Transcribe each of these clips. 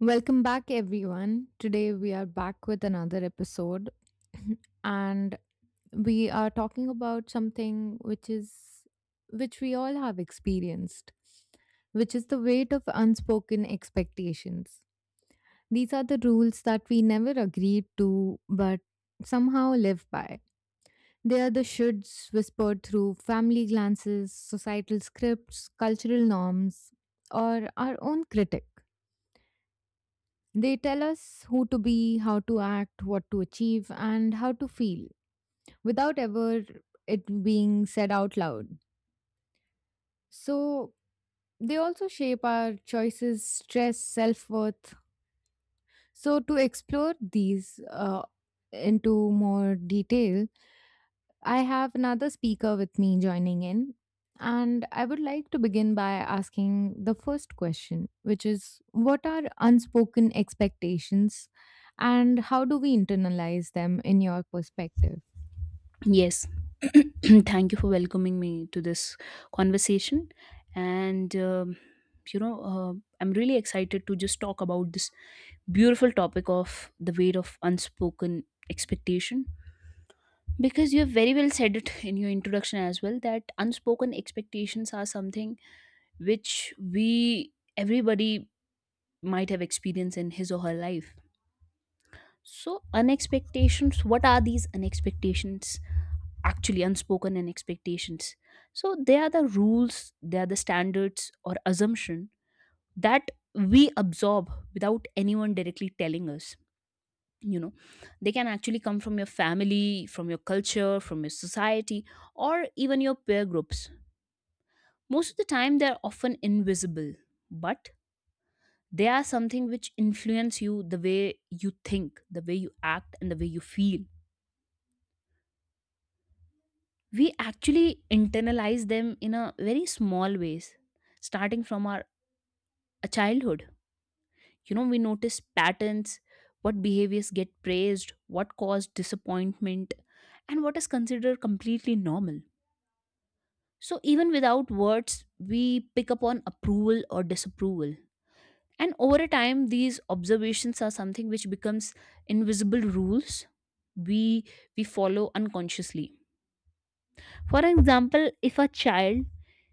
Welcome back, everyone. Today we are back with another episode, and we are talking about something which we all have experienced, which is the weight of unspoken expectations. These are the rules that we never agreed to but somehow live by. They are the shoulds whispered through family glances, societal scripts, cultural norms, or our own critic. They tell us who to be, how to act, what to achieve, and how to feel without ever it being said out loud. So, they also shape our choices, stress, self worth. So, to explore these into more detail, I have another speaker with me joining in, and I would like to begin by asking the first question, which is what are unspoken expectations and how do we internalize them in your perspective? Yes. Thank you for welcoming me to this conversation. And, um, you know, uh, I'm really excited to just talk about this beautiful topic of the weight of unspoken expectation. Because you have very well said it in your introduction as well that unspoken expectations are something which we, everybody, might have experienced in his or her life. So, unexpectations, what are these unexpectations? Actually unspoken and expectations, so they are the rules, they are the standards or assumption that we absorb without anyone directly telling us. you know they can actually come from your family, from your culture, from your society, or even your peer groups. Most of the time they're often invisible, but they are something which influence you, the way you think, the way you act, and the way you feel. We actually internalize them in a very small ways, starting from our childhood. You know, we notice patterns, what behaviors get praised, what caused disappointment, and what is considered completely normal. So even without words we pick up on approval or disapproval, and over a time these observations are something which becomes invisible rules we we follow unconsciously. For example, if a child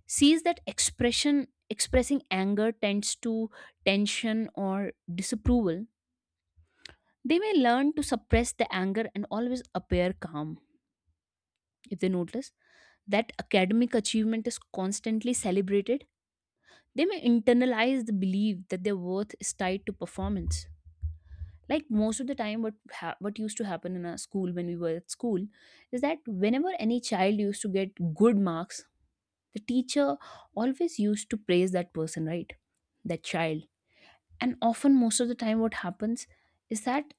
sees that expression expressing anger tends to tension or disapproval, they may learn to suppress the anger and always appear calm. If they notice that academic achievement is constantly celebrated, they may internalize the belief that their worth is tied to performance. Like, most of the time what what used to happen in a school when we were at school is that whenever any child used to get good marks, the teacher always used to praise that person, right? That child. And often most of the time what happens is that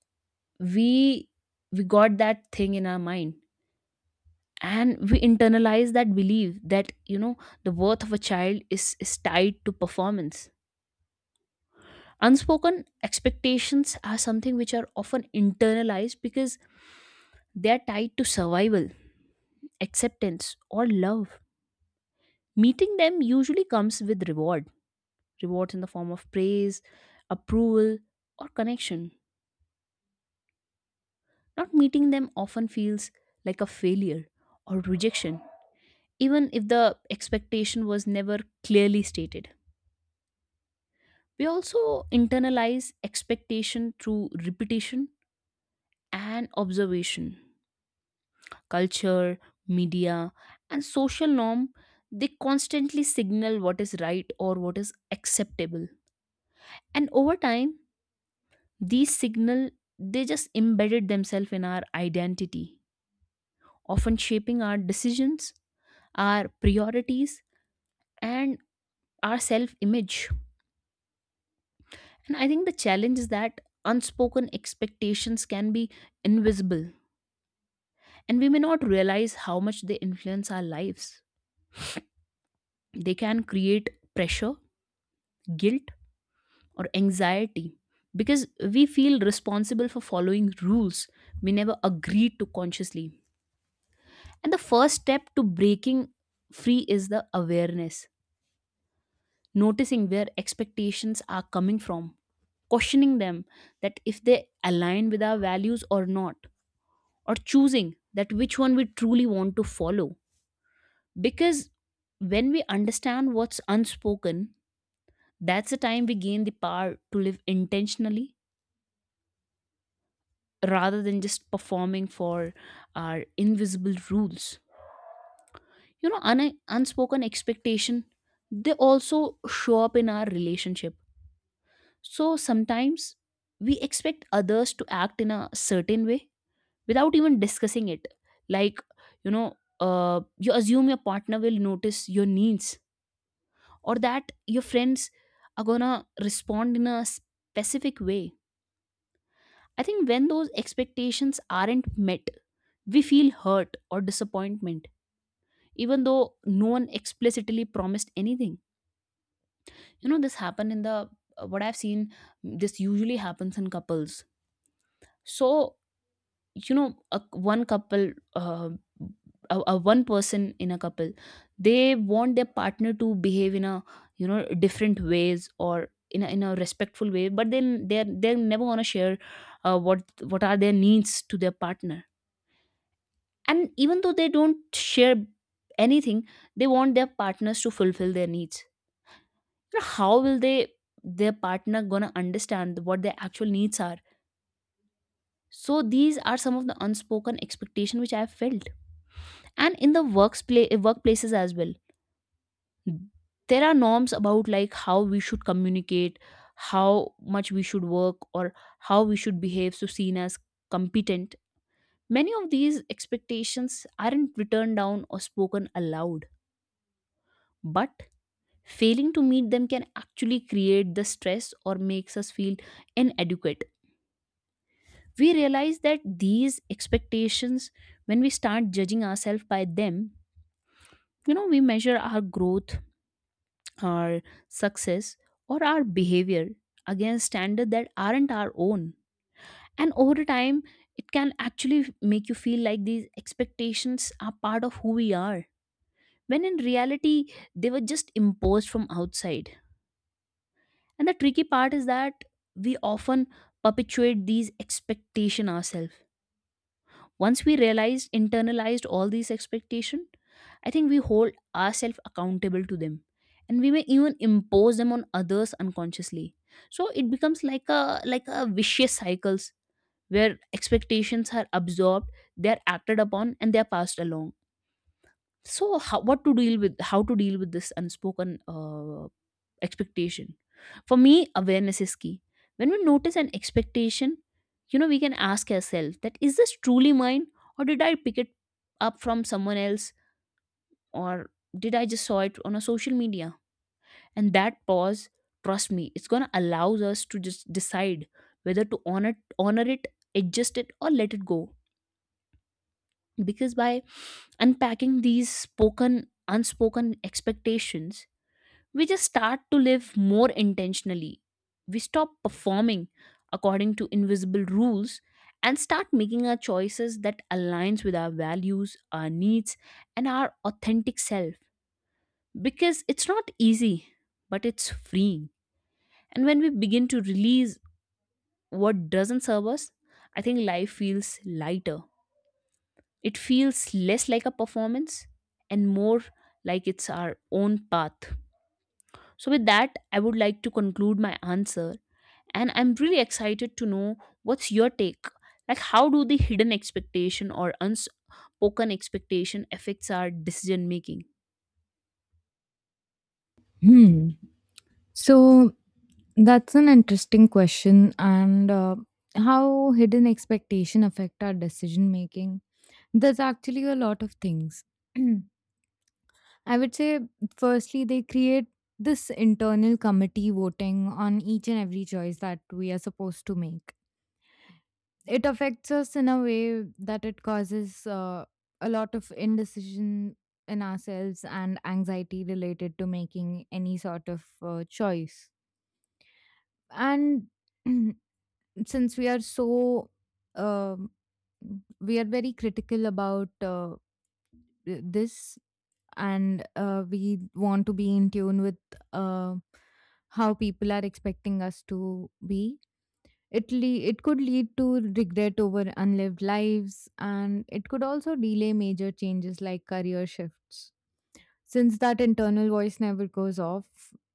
we we got that thing in our mind, and we internalize that belief that, you know, the worth of a child is tied to performance. Unspoken expectations are something which are often internalized because they are tied to survival, acceptance, or love. Meeting them usually comes with reward, rewards in the form of praise, approval, or connection. Not meeting them often feels like a failure or rejection, even if the expectation was never clearly stated. We also internalize expectation through repetition and observation. Culture, media, and social norm, they constantly signal what is right or what is acceptable. And over time, these signal, they just embedded themselves in our identity, often shaping our decisions, our priorities, and our self image. And I think the challenge is that unspoken expectations can be invisible, and we may not realize how much they influence our lives. They can create pressure, guilt, or anxiety because we feel responsible for following rules we never agreed to consciously. And the first step to breaking free is the awareness, noticing where expectations are coming from, questioning them that if they align with our values or not, or choosing that which one we truly want to follow. Because when we understand what's unspoken, that's the time we gain the power to live intentionally rather than just performing for our invisible rules. Unspoken expectation, they also show up in our relationship. So sometimes we expect others to act in a certain way without even discussing it. Like, you know, you assume your partner will notice your needs, or that your friends are gonna respond in a specific way. I think when those expectations aren't met, we feel hurt or disappointment, even though no one explicitly promised anything. You know, this happened in the what I've seen, this usually happens in couples. So, you know, a, one couple, a one person in a couple, they want their partner to behave in a, you know, different ways, or in a respectful way, but then they're never going to share what are their needs to their partner. And even though they don't share anything, they want their partners to fulfill their needs. You know, how will they, their partner gonna understand what their actual needs are? So these are some of the unspoken expectation which I have felt. And in the workplaces as well, there are norms about like how we should communicate, how much we should work, or how we should behave so seen as competent. Many of these expectations aren't written down or spoken aloud, but failing to meet them can actually create the stress or makes us feel inadequate. We realize that these expectations, when we start judging ourselves by them, you know, we measure our growth, our success, or our behavior against standards that aren't our own. And over time, it can actually make you feel like these expectations are part of who we are, when in reality they were just imposed from outside. And the tricky part is that we often perpetuate these expectations ourselves. Once we realized, internalized all these expectations, I think we hold ourselves accountable to them, and we may even impose them on others unconsciously. So it becomes like a vicious cycles, where expectations are absorbed, they are acted upon, and they are passed along. So how, what to deal with, how to deal with this unspoken expectation, for me awareness is key. When we notice an expectation, you know, we can ask ourselves that is this truly mine, or did I pick it up from someone else, or did I just saw it on a social media? And that pause, trust me, it's going to allow us to just decide whether to honor it, adjust it, or let it go. Because by unpacking these spoken unspoken expectations, we just start to live more intentionally. We stop performing according to invisible rules, and start making our choices that aligns with our values, our needs, and our authentic self, because it's not easy, but it's freeing. And when we begin to release what doesn't serve us, I think life feels lighter. It feels less like a performance and more like it's our own path. So with that, I would like to conclude my answer, and I'm really excited to know what's your take, like how do the hidden expectation or unspoken expectation affects our decision making. Hmm. So that's an interesting question. And how hidden expectation affect our decision making? There's actually a lot of things. I would say, firstly, they create this internal committee voting on each and every choice that we are supposed to make. It affects us in a way that it causes a lot of indecision in ourselves and anxiety related to making any sort of choice. And since we are so um, we are very critical about this, and we want to be in tune with uh, how people are expecting us to be. It could lead to regret over unlived lives, and it could also delay major changes like career shifts, since that internal voice never goes off.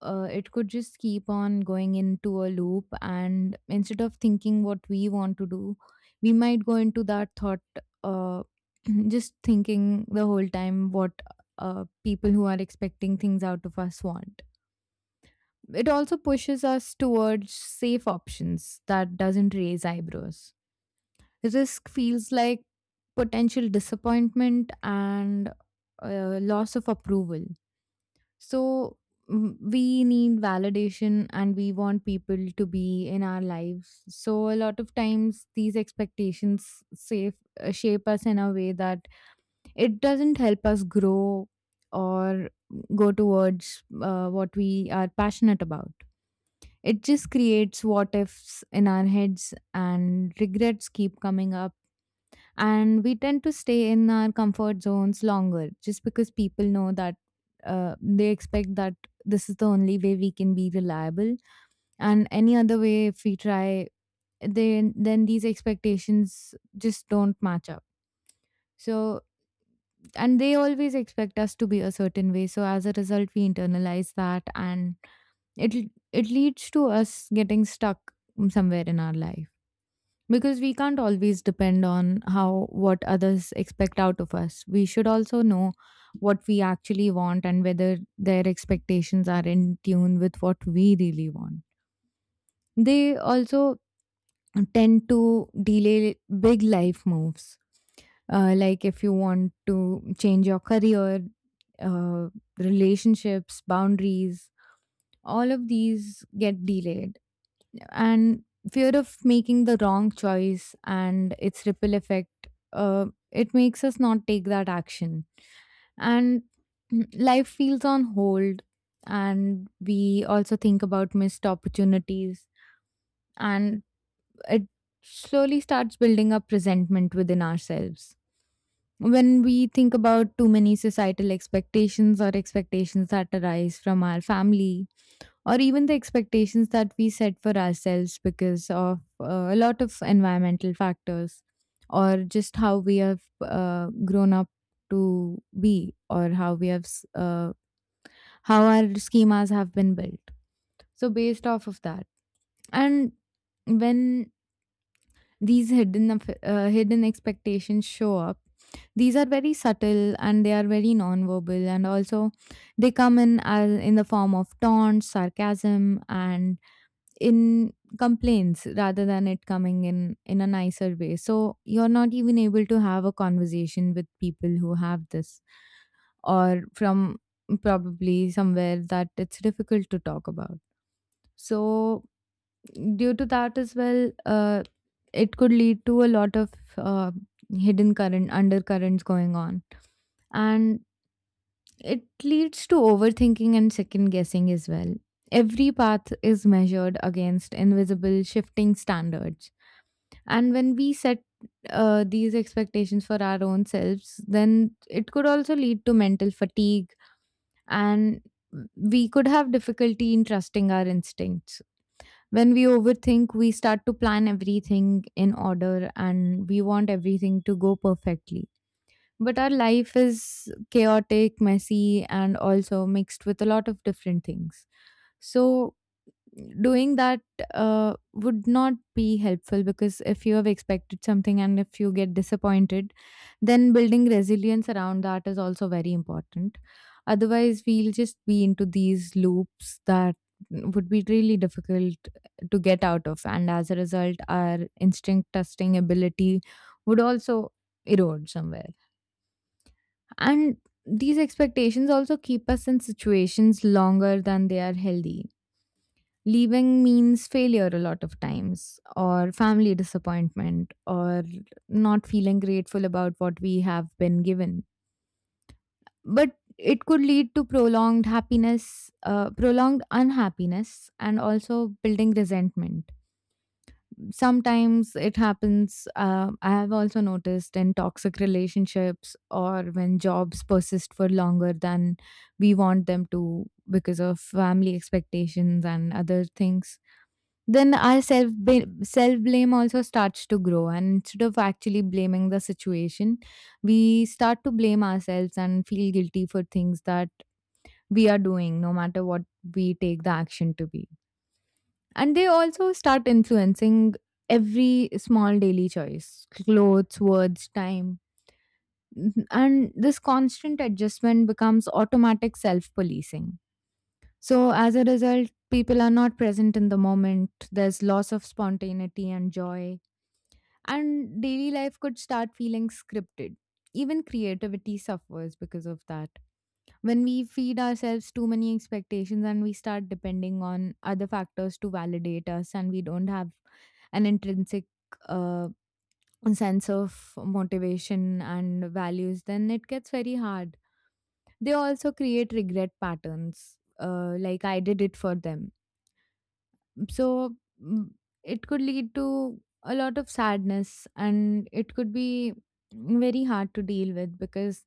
It could just keep on going into a loop. And instead of thinking what we want to do, we might go into that thought, uh, just thinking the whole time what people who are expecting things out of us want. It also pushes us towards safe options that doesn't raise eyebrows. Risk feels like potential disappointment and loss of approval. So we need validation and we want people to be in our lives. So a lot of times these expectations save, shape us in a way that it doesn't help us grow, or go towards what we are passionate about. It just creates what ifs in our heads, and regrets keep coming up, and we tend to stay in our comfort zones longer just because people know that they expect that this is the only way we can be reliable, and any other way if we try, then these expectations just don't match up. So, and they always expect us to be a certain way, so as a result we internalize that, and it it leads to us getting stuck somewhere in our life, because we can't always depend on how what others expect out of us. We should also know what we actually want, and whether their expectations are in tune with what we really want. They also tend to delay big life moves, like if you want to change your career, uh, relationships, boundaries, all of these get delayed. And fear of making the wrong choice and its ripple effect, it makes us not take that action, and life feels on hold, and we also think about missed opportunities. And it slowly starts building up resentment within ourselves when we think about too many societal expectations, or expectations that arise from our family, or even the expectations that we set for ourselves because of a lot of environmental factors, or just how we have grown up to be, or how our schemas have been built. So based off of that, and when these hidden expectations show up, these are very subtle and they are very non-verbal, and also they come in as in the form of taunts, sarcasm, and in complaints rather than it coming in a nicer way. So you're not even able to have a conversation with people who have this, or from probably somewhere that it's difficult to talk about. So due to that as well, it could lead to a lot of uh, hidden current undercurrents going on. And it leads to overthinking and second guessing as well. Every path is measured against invisible shifting standards. And when we set these expectations for our own selves, then it could also lead to mental fatigue, and we could have difficulty in trusting our instincts. When we overthink, we start to plan everything in order and we want everything to go perfectly, but our life is chaotic, messy, and also mixed with a lot of different things. So, doing that would not be helpful, because if you have expected something and if you get disappointed, then building resilience around that is also very important. Otherwise, we'll just be into these loops that would be really difficult to get out of. And as a result, our instinct testing ability would also erode somewhere. And these expectations also keep us in situations longer than they are healthy. Leaving means failure a lot of times, or family disappointment, or not feeling grateful about what we have been given. But it could lead to prolonged prolonged unhappiness, and also building resentment. Sometimes it happens. I have also noticed in toxic relationships, or when jobs persist for longer than we want them to because of family expectations and other things. Then our self blame also starts to grow, and instead of actually blaming the situation, we start to blame ourselves and feel guilty for things that we are doing, no matter what we take the action to be. And they also start influencing every small daily choice: clothes, words, time. And this constant adjustment becomes automatic self policing. So, as a result, people are not present in the moment. There's loss of spontaneity and joy. And daily life could start feeling scripted. Even creativity suffers because of that, when we feed ourselves too many expectations and we start depending on other factors to validate us, and we don't have an intrinsic uh, sense of motivation and values, then it gets very hard. They also create regret patterns, like I did it for them. So mm, it could lead to a lot of sadness, and it could be very hard to deal with because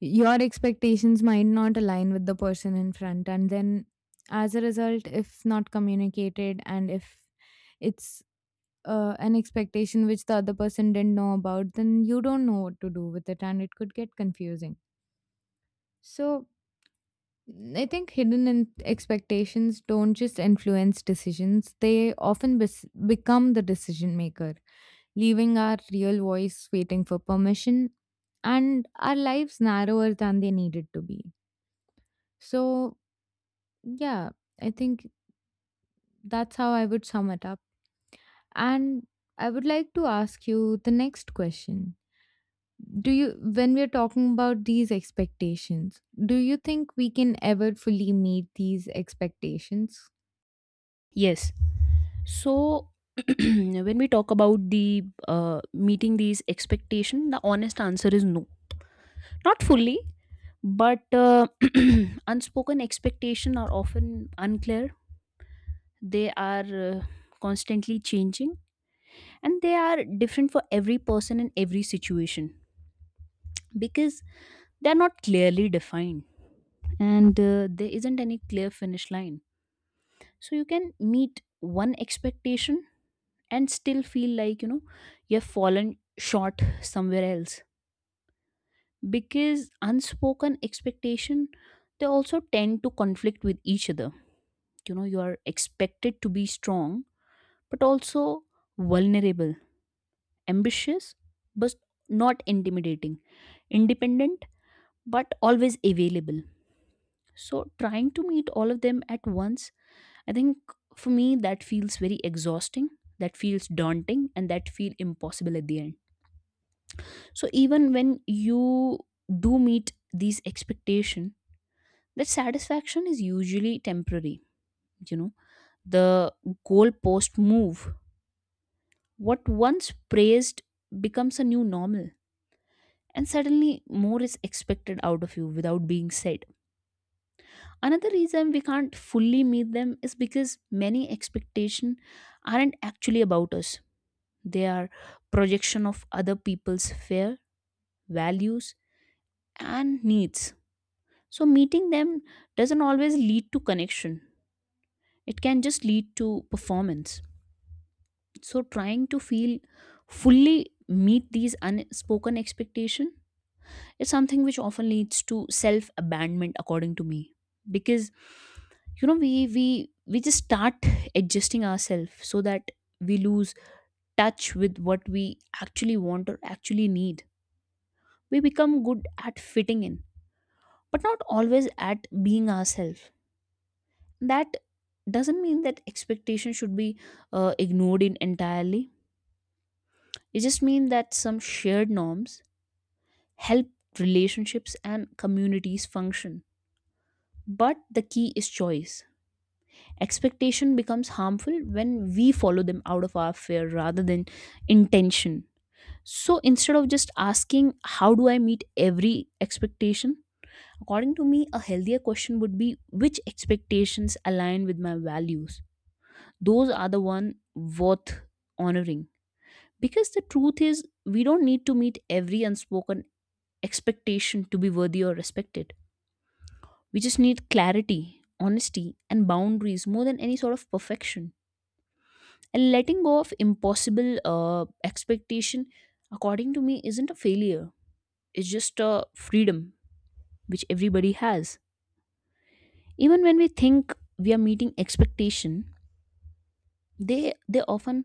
your expectations might not align with the person in front. And then, as a result, if not communicated, and if it's an expectation which the other person didn't know about, then you don't know what to do with it, and it could get confusing. So, I think hidden expectations don't just influence decisions, they often become the decision maker, leaving our real voice waiting for permission, and our lives narrower than they needed to be. So, yeah, I think that's how I would sum it up. And I would like to ask you the next question. Do you, when we're talking about these expectations, do you think we can ever fully meet these expectations? Yes. So when we talk about the meeting these expectation, the honest answer is no. Not fully, but unspoken expectation are often unclear. They are constantly changing, and they are different for every person in every situation, because they're not clearly defined, and there isn't any clear finish line. So you can meet one expectation and still feel like, you know, you've fallen short somewhere else, because unspoken expectation, they also tend to conflict with each other. You know, you are expected to be strong but also vulnerable, ambitious but not intimidating, independent but always available. So trying to meet all of them at once, I think, for me, that feels very exhausting, that feels daunting, and that feel impossible at the end. So even when you do meet these expectation, that satisfaction is usually temporary. You know, the goalpost move. What once praised becomes a new normal. And suddenly, more is expected out of you without being said. Another reason we can't fully meet them is because many expectation aren't actually about us. They are projection of other people's fear, values, and needs. So meeting them doesn't always lead to connection. It can just lead to performance. So trying to feel fully meet these unspoken expectation is something which often leads to self abandonment, according to me, because, you know, we just start adjusting ourselves so that we lose touch with what we actually want or actually need. We become good at fitting in, but not always at being ourselves. That doesn't mean that expectation should be ignored in entirely. It just means that some shared norms help relationships and communities function. But the key is choice. Expectation becomes harmful when we follow them out of our fear rather than intention. So instead of just asking, how do I meet every expectation? According to me, a healthier question would be, which expectations align with my values? Those are the one worth honoring. Because the truth is, we don't need to meet every unspoken expectation to be worthy or respected. We just need clarity, honesty, and boundaries more than any sort of perfection. And letting go of impossible expectation, according to me, isn't a failure. It's just a freedom which everybody has. Even when we think we are meeting expectation, they often,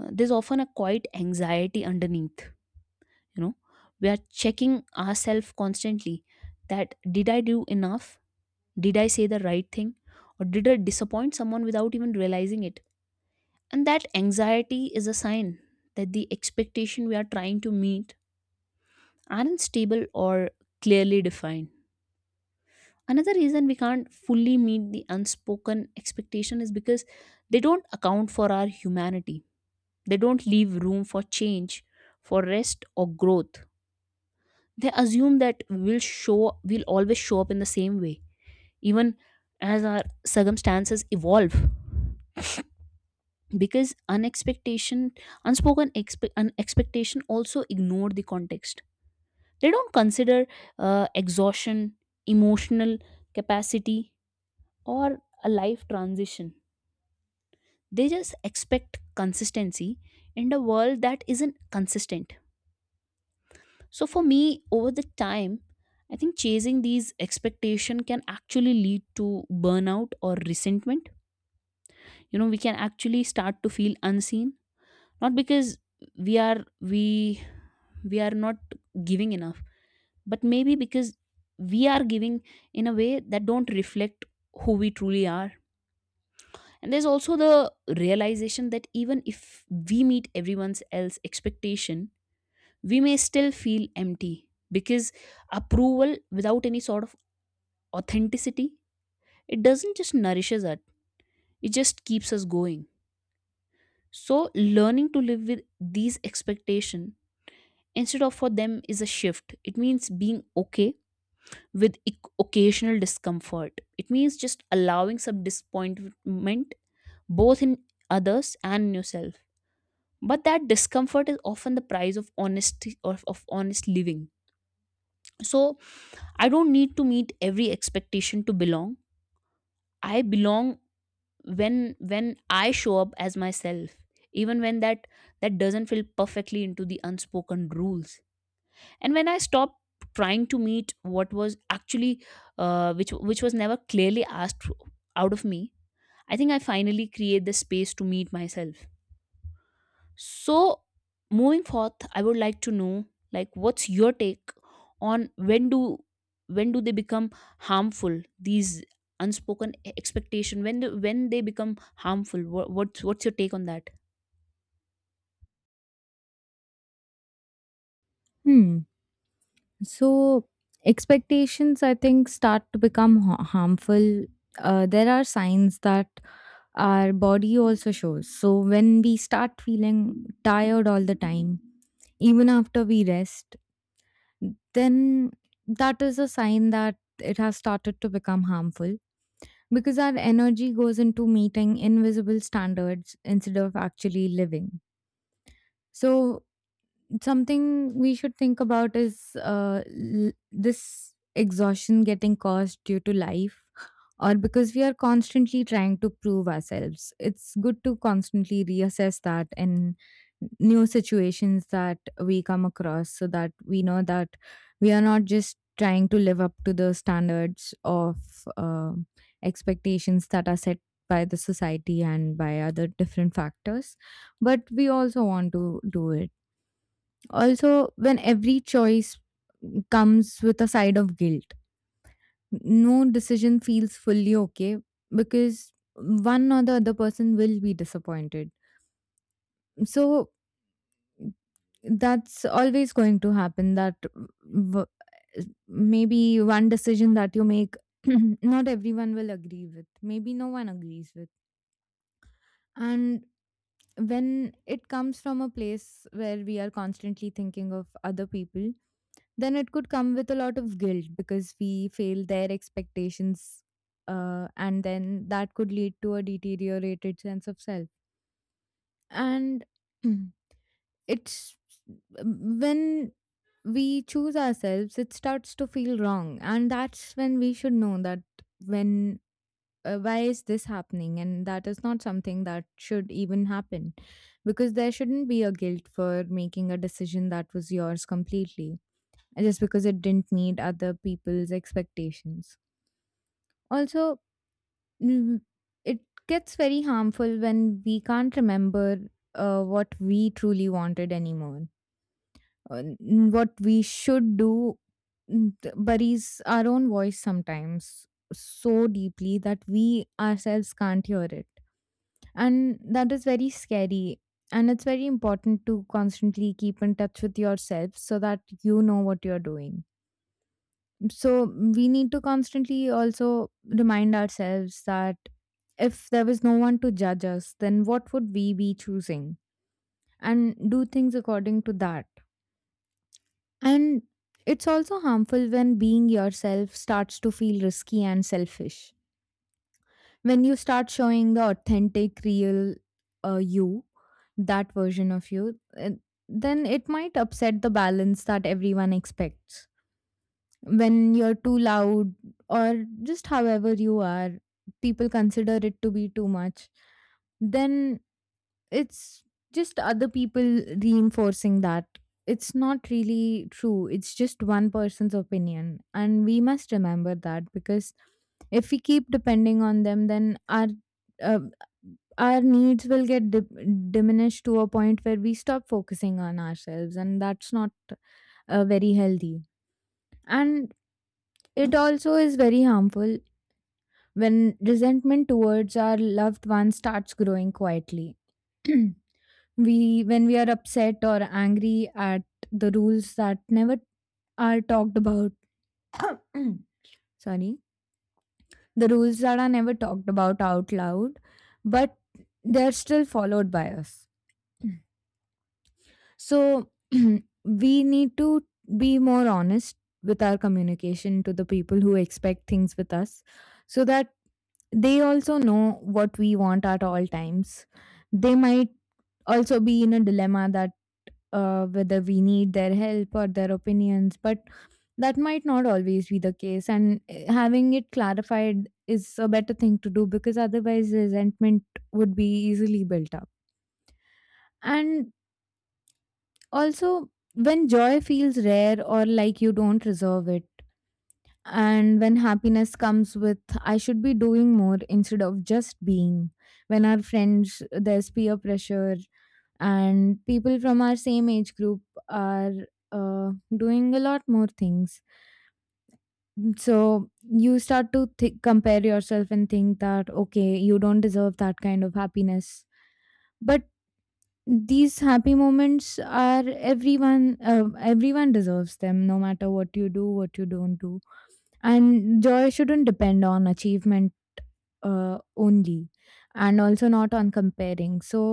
there's often a quiet anxiety underneath. You know, we are checking ourselves constantly, that did I do enough, did I say the right thing, or did I disappoint someone without even realizing it? And that anxiety is a sign that the expectation we are trying to meet aren't stable or clearly defined. Another reason we can't fully meet the unspoken expectation is because they don't account for our humanity. They don't leave room for change, for rest or growth. They assume that we'll always show up in the same way, even as our circumstances evolve. Because unexpectation an expectation also ignore the context. They don't consider exhaustion, emotional capacity, or a life transition. They just expect consistency in a world that isn't consistent. So for me, over the time, I think chasing these expectation can actually lead to burnout or resentment. You know, we can actually start to feel unseen, not because we are we we are not giving enough, but maybe because we are giving in a way that don't reflect who we truly are. And there's also the realization that even if we meet everyone's else expectation, we may still feel empty, because approval without any sort of authenticity, it doesn't just nourishes us, it just keeps us going. So learning to live with these expectation instead of for them is a shift. It means being okay with occasional discomfort. It means just allowing some disappointment, both in others and in yourself. But that discomfort is often the price of honesty, or of honest living. So I don't need to meet every expectation to belong. I belong when I show up as myself, even when that doesn't feel perfectly into the unspoken rules. And when I stop trying to meet what was actually, which was never clearly asked out of me, I think I finally create the space to meet myself. So moving forth, I would like to know, like, what's your take on when do, when do they become harmful, these unspoken expectation, when do, when they become harmful, what, what's your take on that? Hmm. So, expectations, I think, start to become harmful. There are signs that our body also shows. So, when we start feeling tired all the time, even after we rest, then that is a sign that it has started to become harmful, because our energy goes into meeting invisible standards instead of actually living. So, something we should think about is this exhaustion getting caused due to life, or because we are constantly trying to prove ourselves. It's good to constantly reassess that in new situations that we come across, so that we know that we are not just trying to live up to the standards of uh, expectations that are set by the society and by other different factors, but we also want to do it. Also, when every choice comes with a side of guilt, no decision feels fully okay because one or the other person will be disappointed. So, that's always going to happen that maybe one decision that you make, not everyone will agree with. Maybe no one agrees with. And when it comes from a place where we are constantly thinking of other people, then it could come with a lot of guilt because we fail their expectations, and then that could lead to a deteriorated sense of self. And it's when we choose ourselves it starts to feel wrong, and that's when we should know that, when why is this happening? And that is not something that should even happen, because there shouldn't be a guilt for making a decision that was yours completely just because it didn't meet other people's expectations. Also, mm, it gets very harmful when we can't remember what we truly wanted anymore. What we should do buries our own voice sometimes so deeply that we ourselves can't hear it. And that is very scary. And it's very important to constantly keep in touch with yourself so that you know what you're doing. So we need to constantly also remind ourselves that if there was no one to judge us, then what would we be choosing? And do things according to that. And it's also harmful when being yourself starts to feel risky and selfish. When you start showing the authentic, real you, that version of you, then it might upset the balance that everyone expects. When you're too loud or just however you are, people consider it to be too much, then it's just other people reinforcing that. It's not really true, it's just one person's opinion, and we must remember that. Because if we keep depending on them, then uh, our needs will get diminished to a point where we stop focusing on ourselves, and that's not very healthy. And it also is very harmful when resentment towards our loved ones starts growing quietly. we when we are upset or angry at the rules that never are talked about sorry, the rules that are never talked about out loud, but they're still followed by us. So we need to be more honest with our communication to the people who expect things with us, so that they also know what we want at all times. They might also be in a dilemma that, whether we need their help or their opinions, but that might not always be the case. And having it clarified is a better thing to do, because otherwise resentment would be easily built up. And also, when joy feels rare or like you don't deserve it, and when happiness comes with, I should be doing more instead of just being. When our friends, there's peer pressure, and people from our same age group are doing a lot more things. So you start to compare yourself and think that, okay, you don't deserve that kind of happiness. But these happy moments are everyone deserves them, no matter what you do, what you don't do. And joy shouldn't depend on achievement only, and also not on comparing. So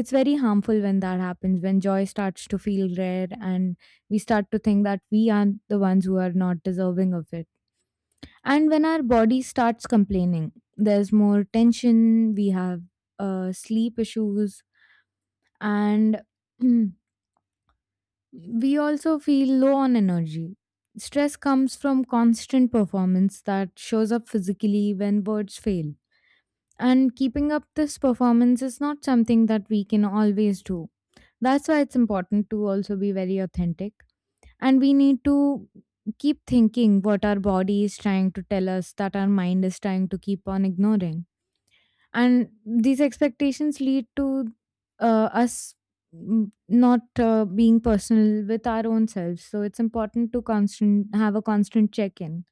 it's very harmful when that happens, when joy starts to feel rare and we start to think that we are the ones who are not deserving of it. And when our body starts complaining, there's more tension, we have sleep issues, and we also feel low on energy. Stress comes from constant performance that shows up physically when words fail. And keeping up this performance is not something that we can always do. That's why it's important to also be very authentic. And we need to keep thinking what our body is trying to tell us that our mind is trying to keep on ignoring. And these expectations lead to us not being personal with our own selves, so it's important to constant have a constant check in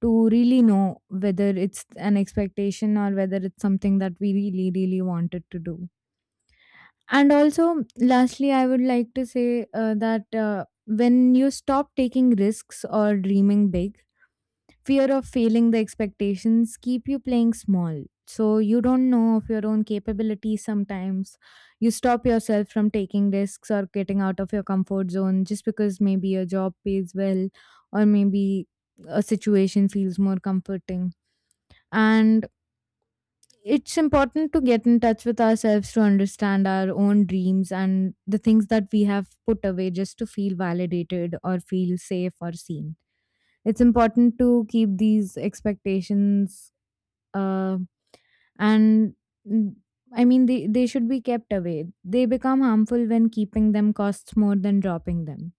to really know whether it's an expectation or whether it's something that we really really wanted to do. And also, lastly, I would like to say that when you stop taking risks or dreaming big, fear of failing the expectations keep you playing small, so you don't know of your own capabilities sometimes. You stop yourself from taking risks or getting out of your comfort zone just because maybe your job pays well, or maybe a situation feels more comforting. And it's important to get in touch with ourselves to understand our own dreams and the things that we have put away just to feel validated or feel safe or seen. It's important to keep these expectations uh, and mm, I mean, they should be kept away. They become harmful when keeping them costs more than dropping them.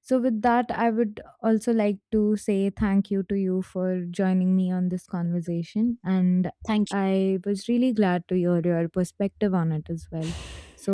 So with that, I would also like to say thank you to you for joining me on this conversation, and Thank you. I was really glad to hear your perspective on it as well. So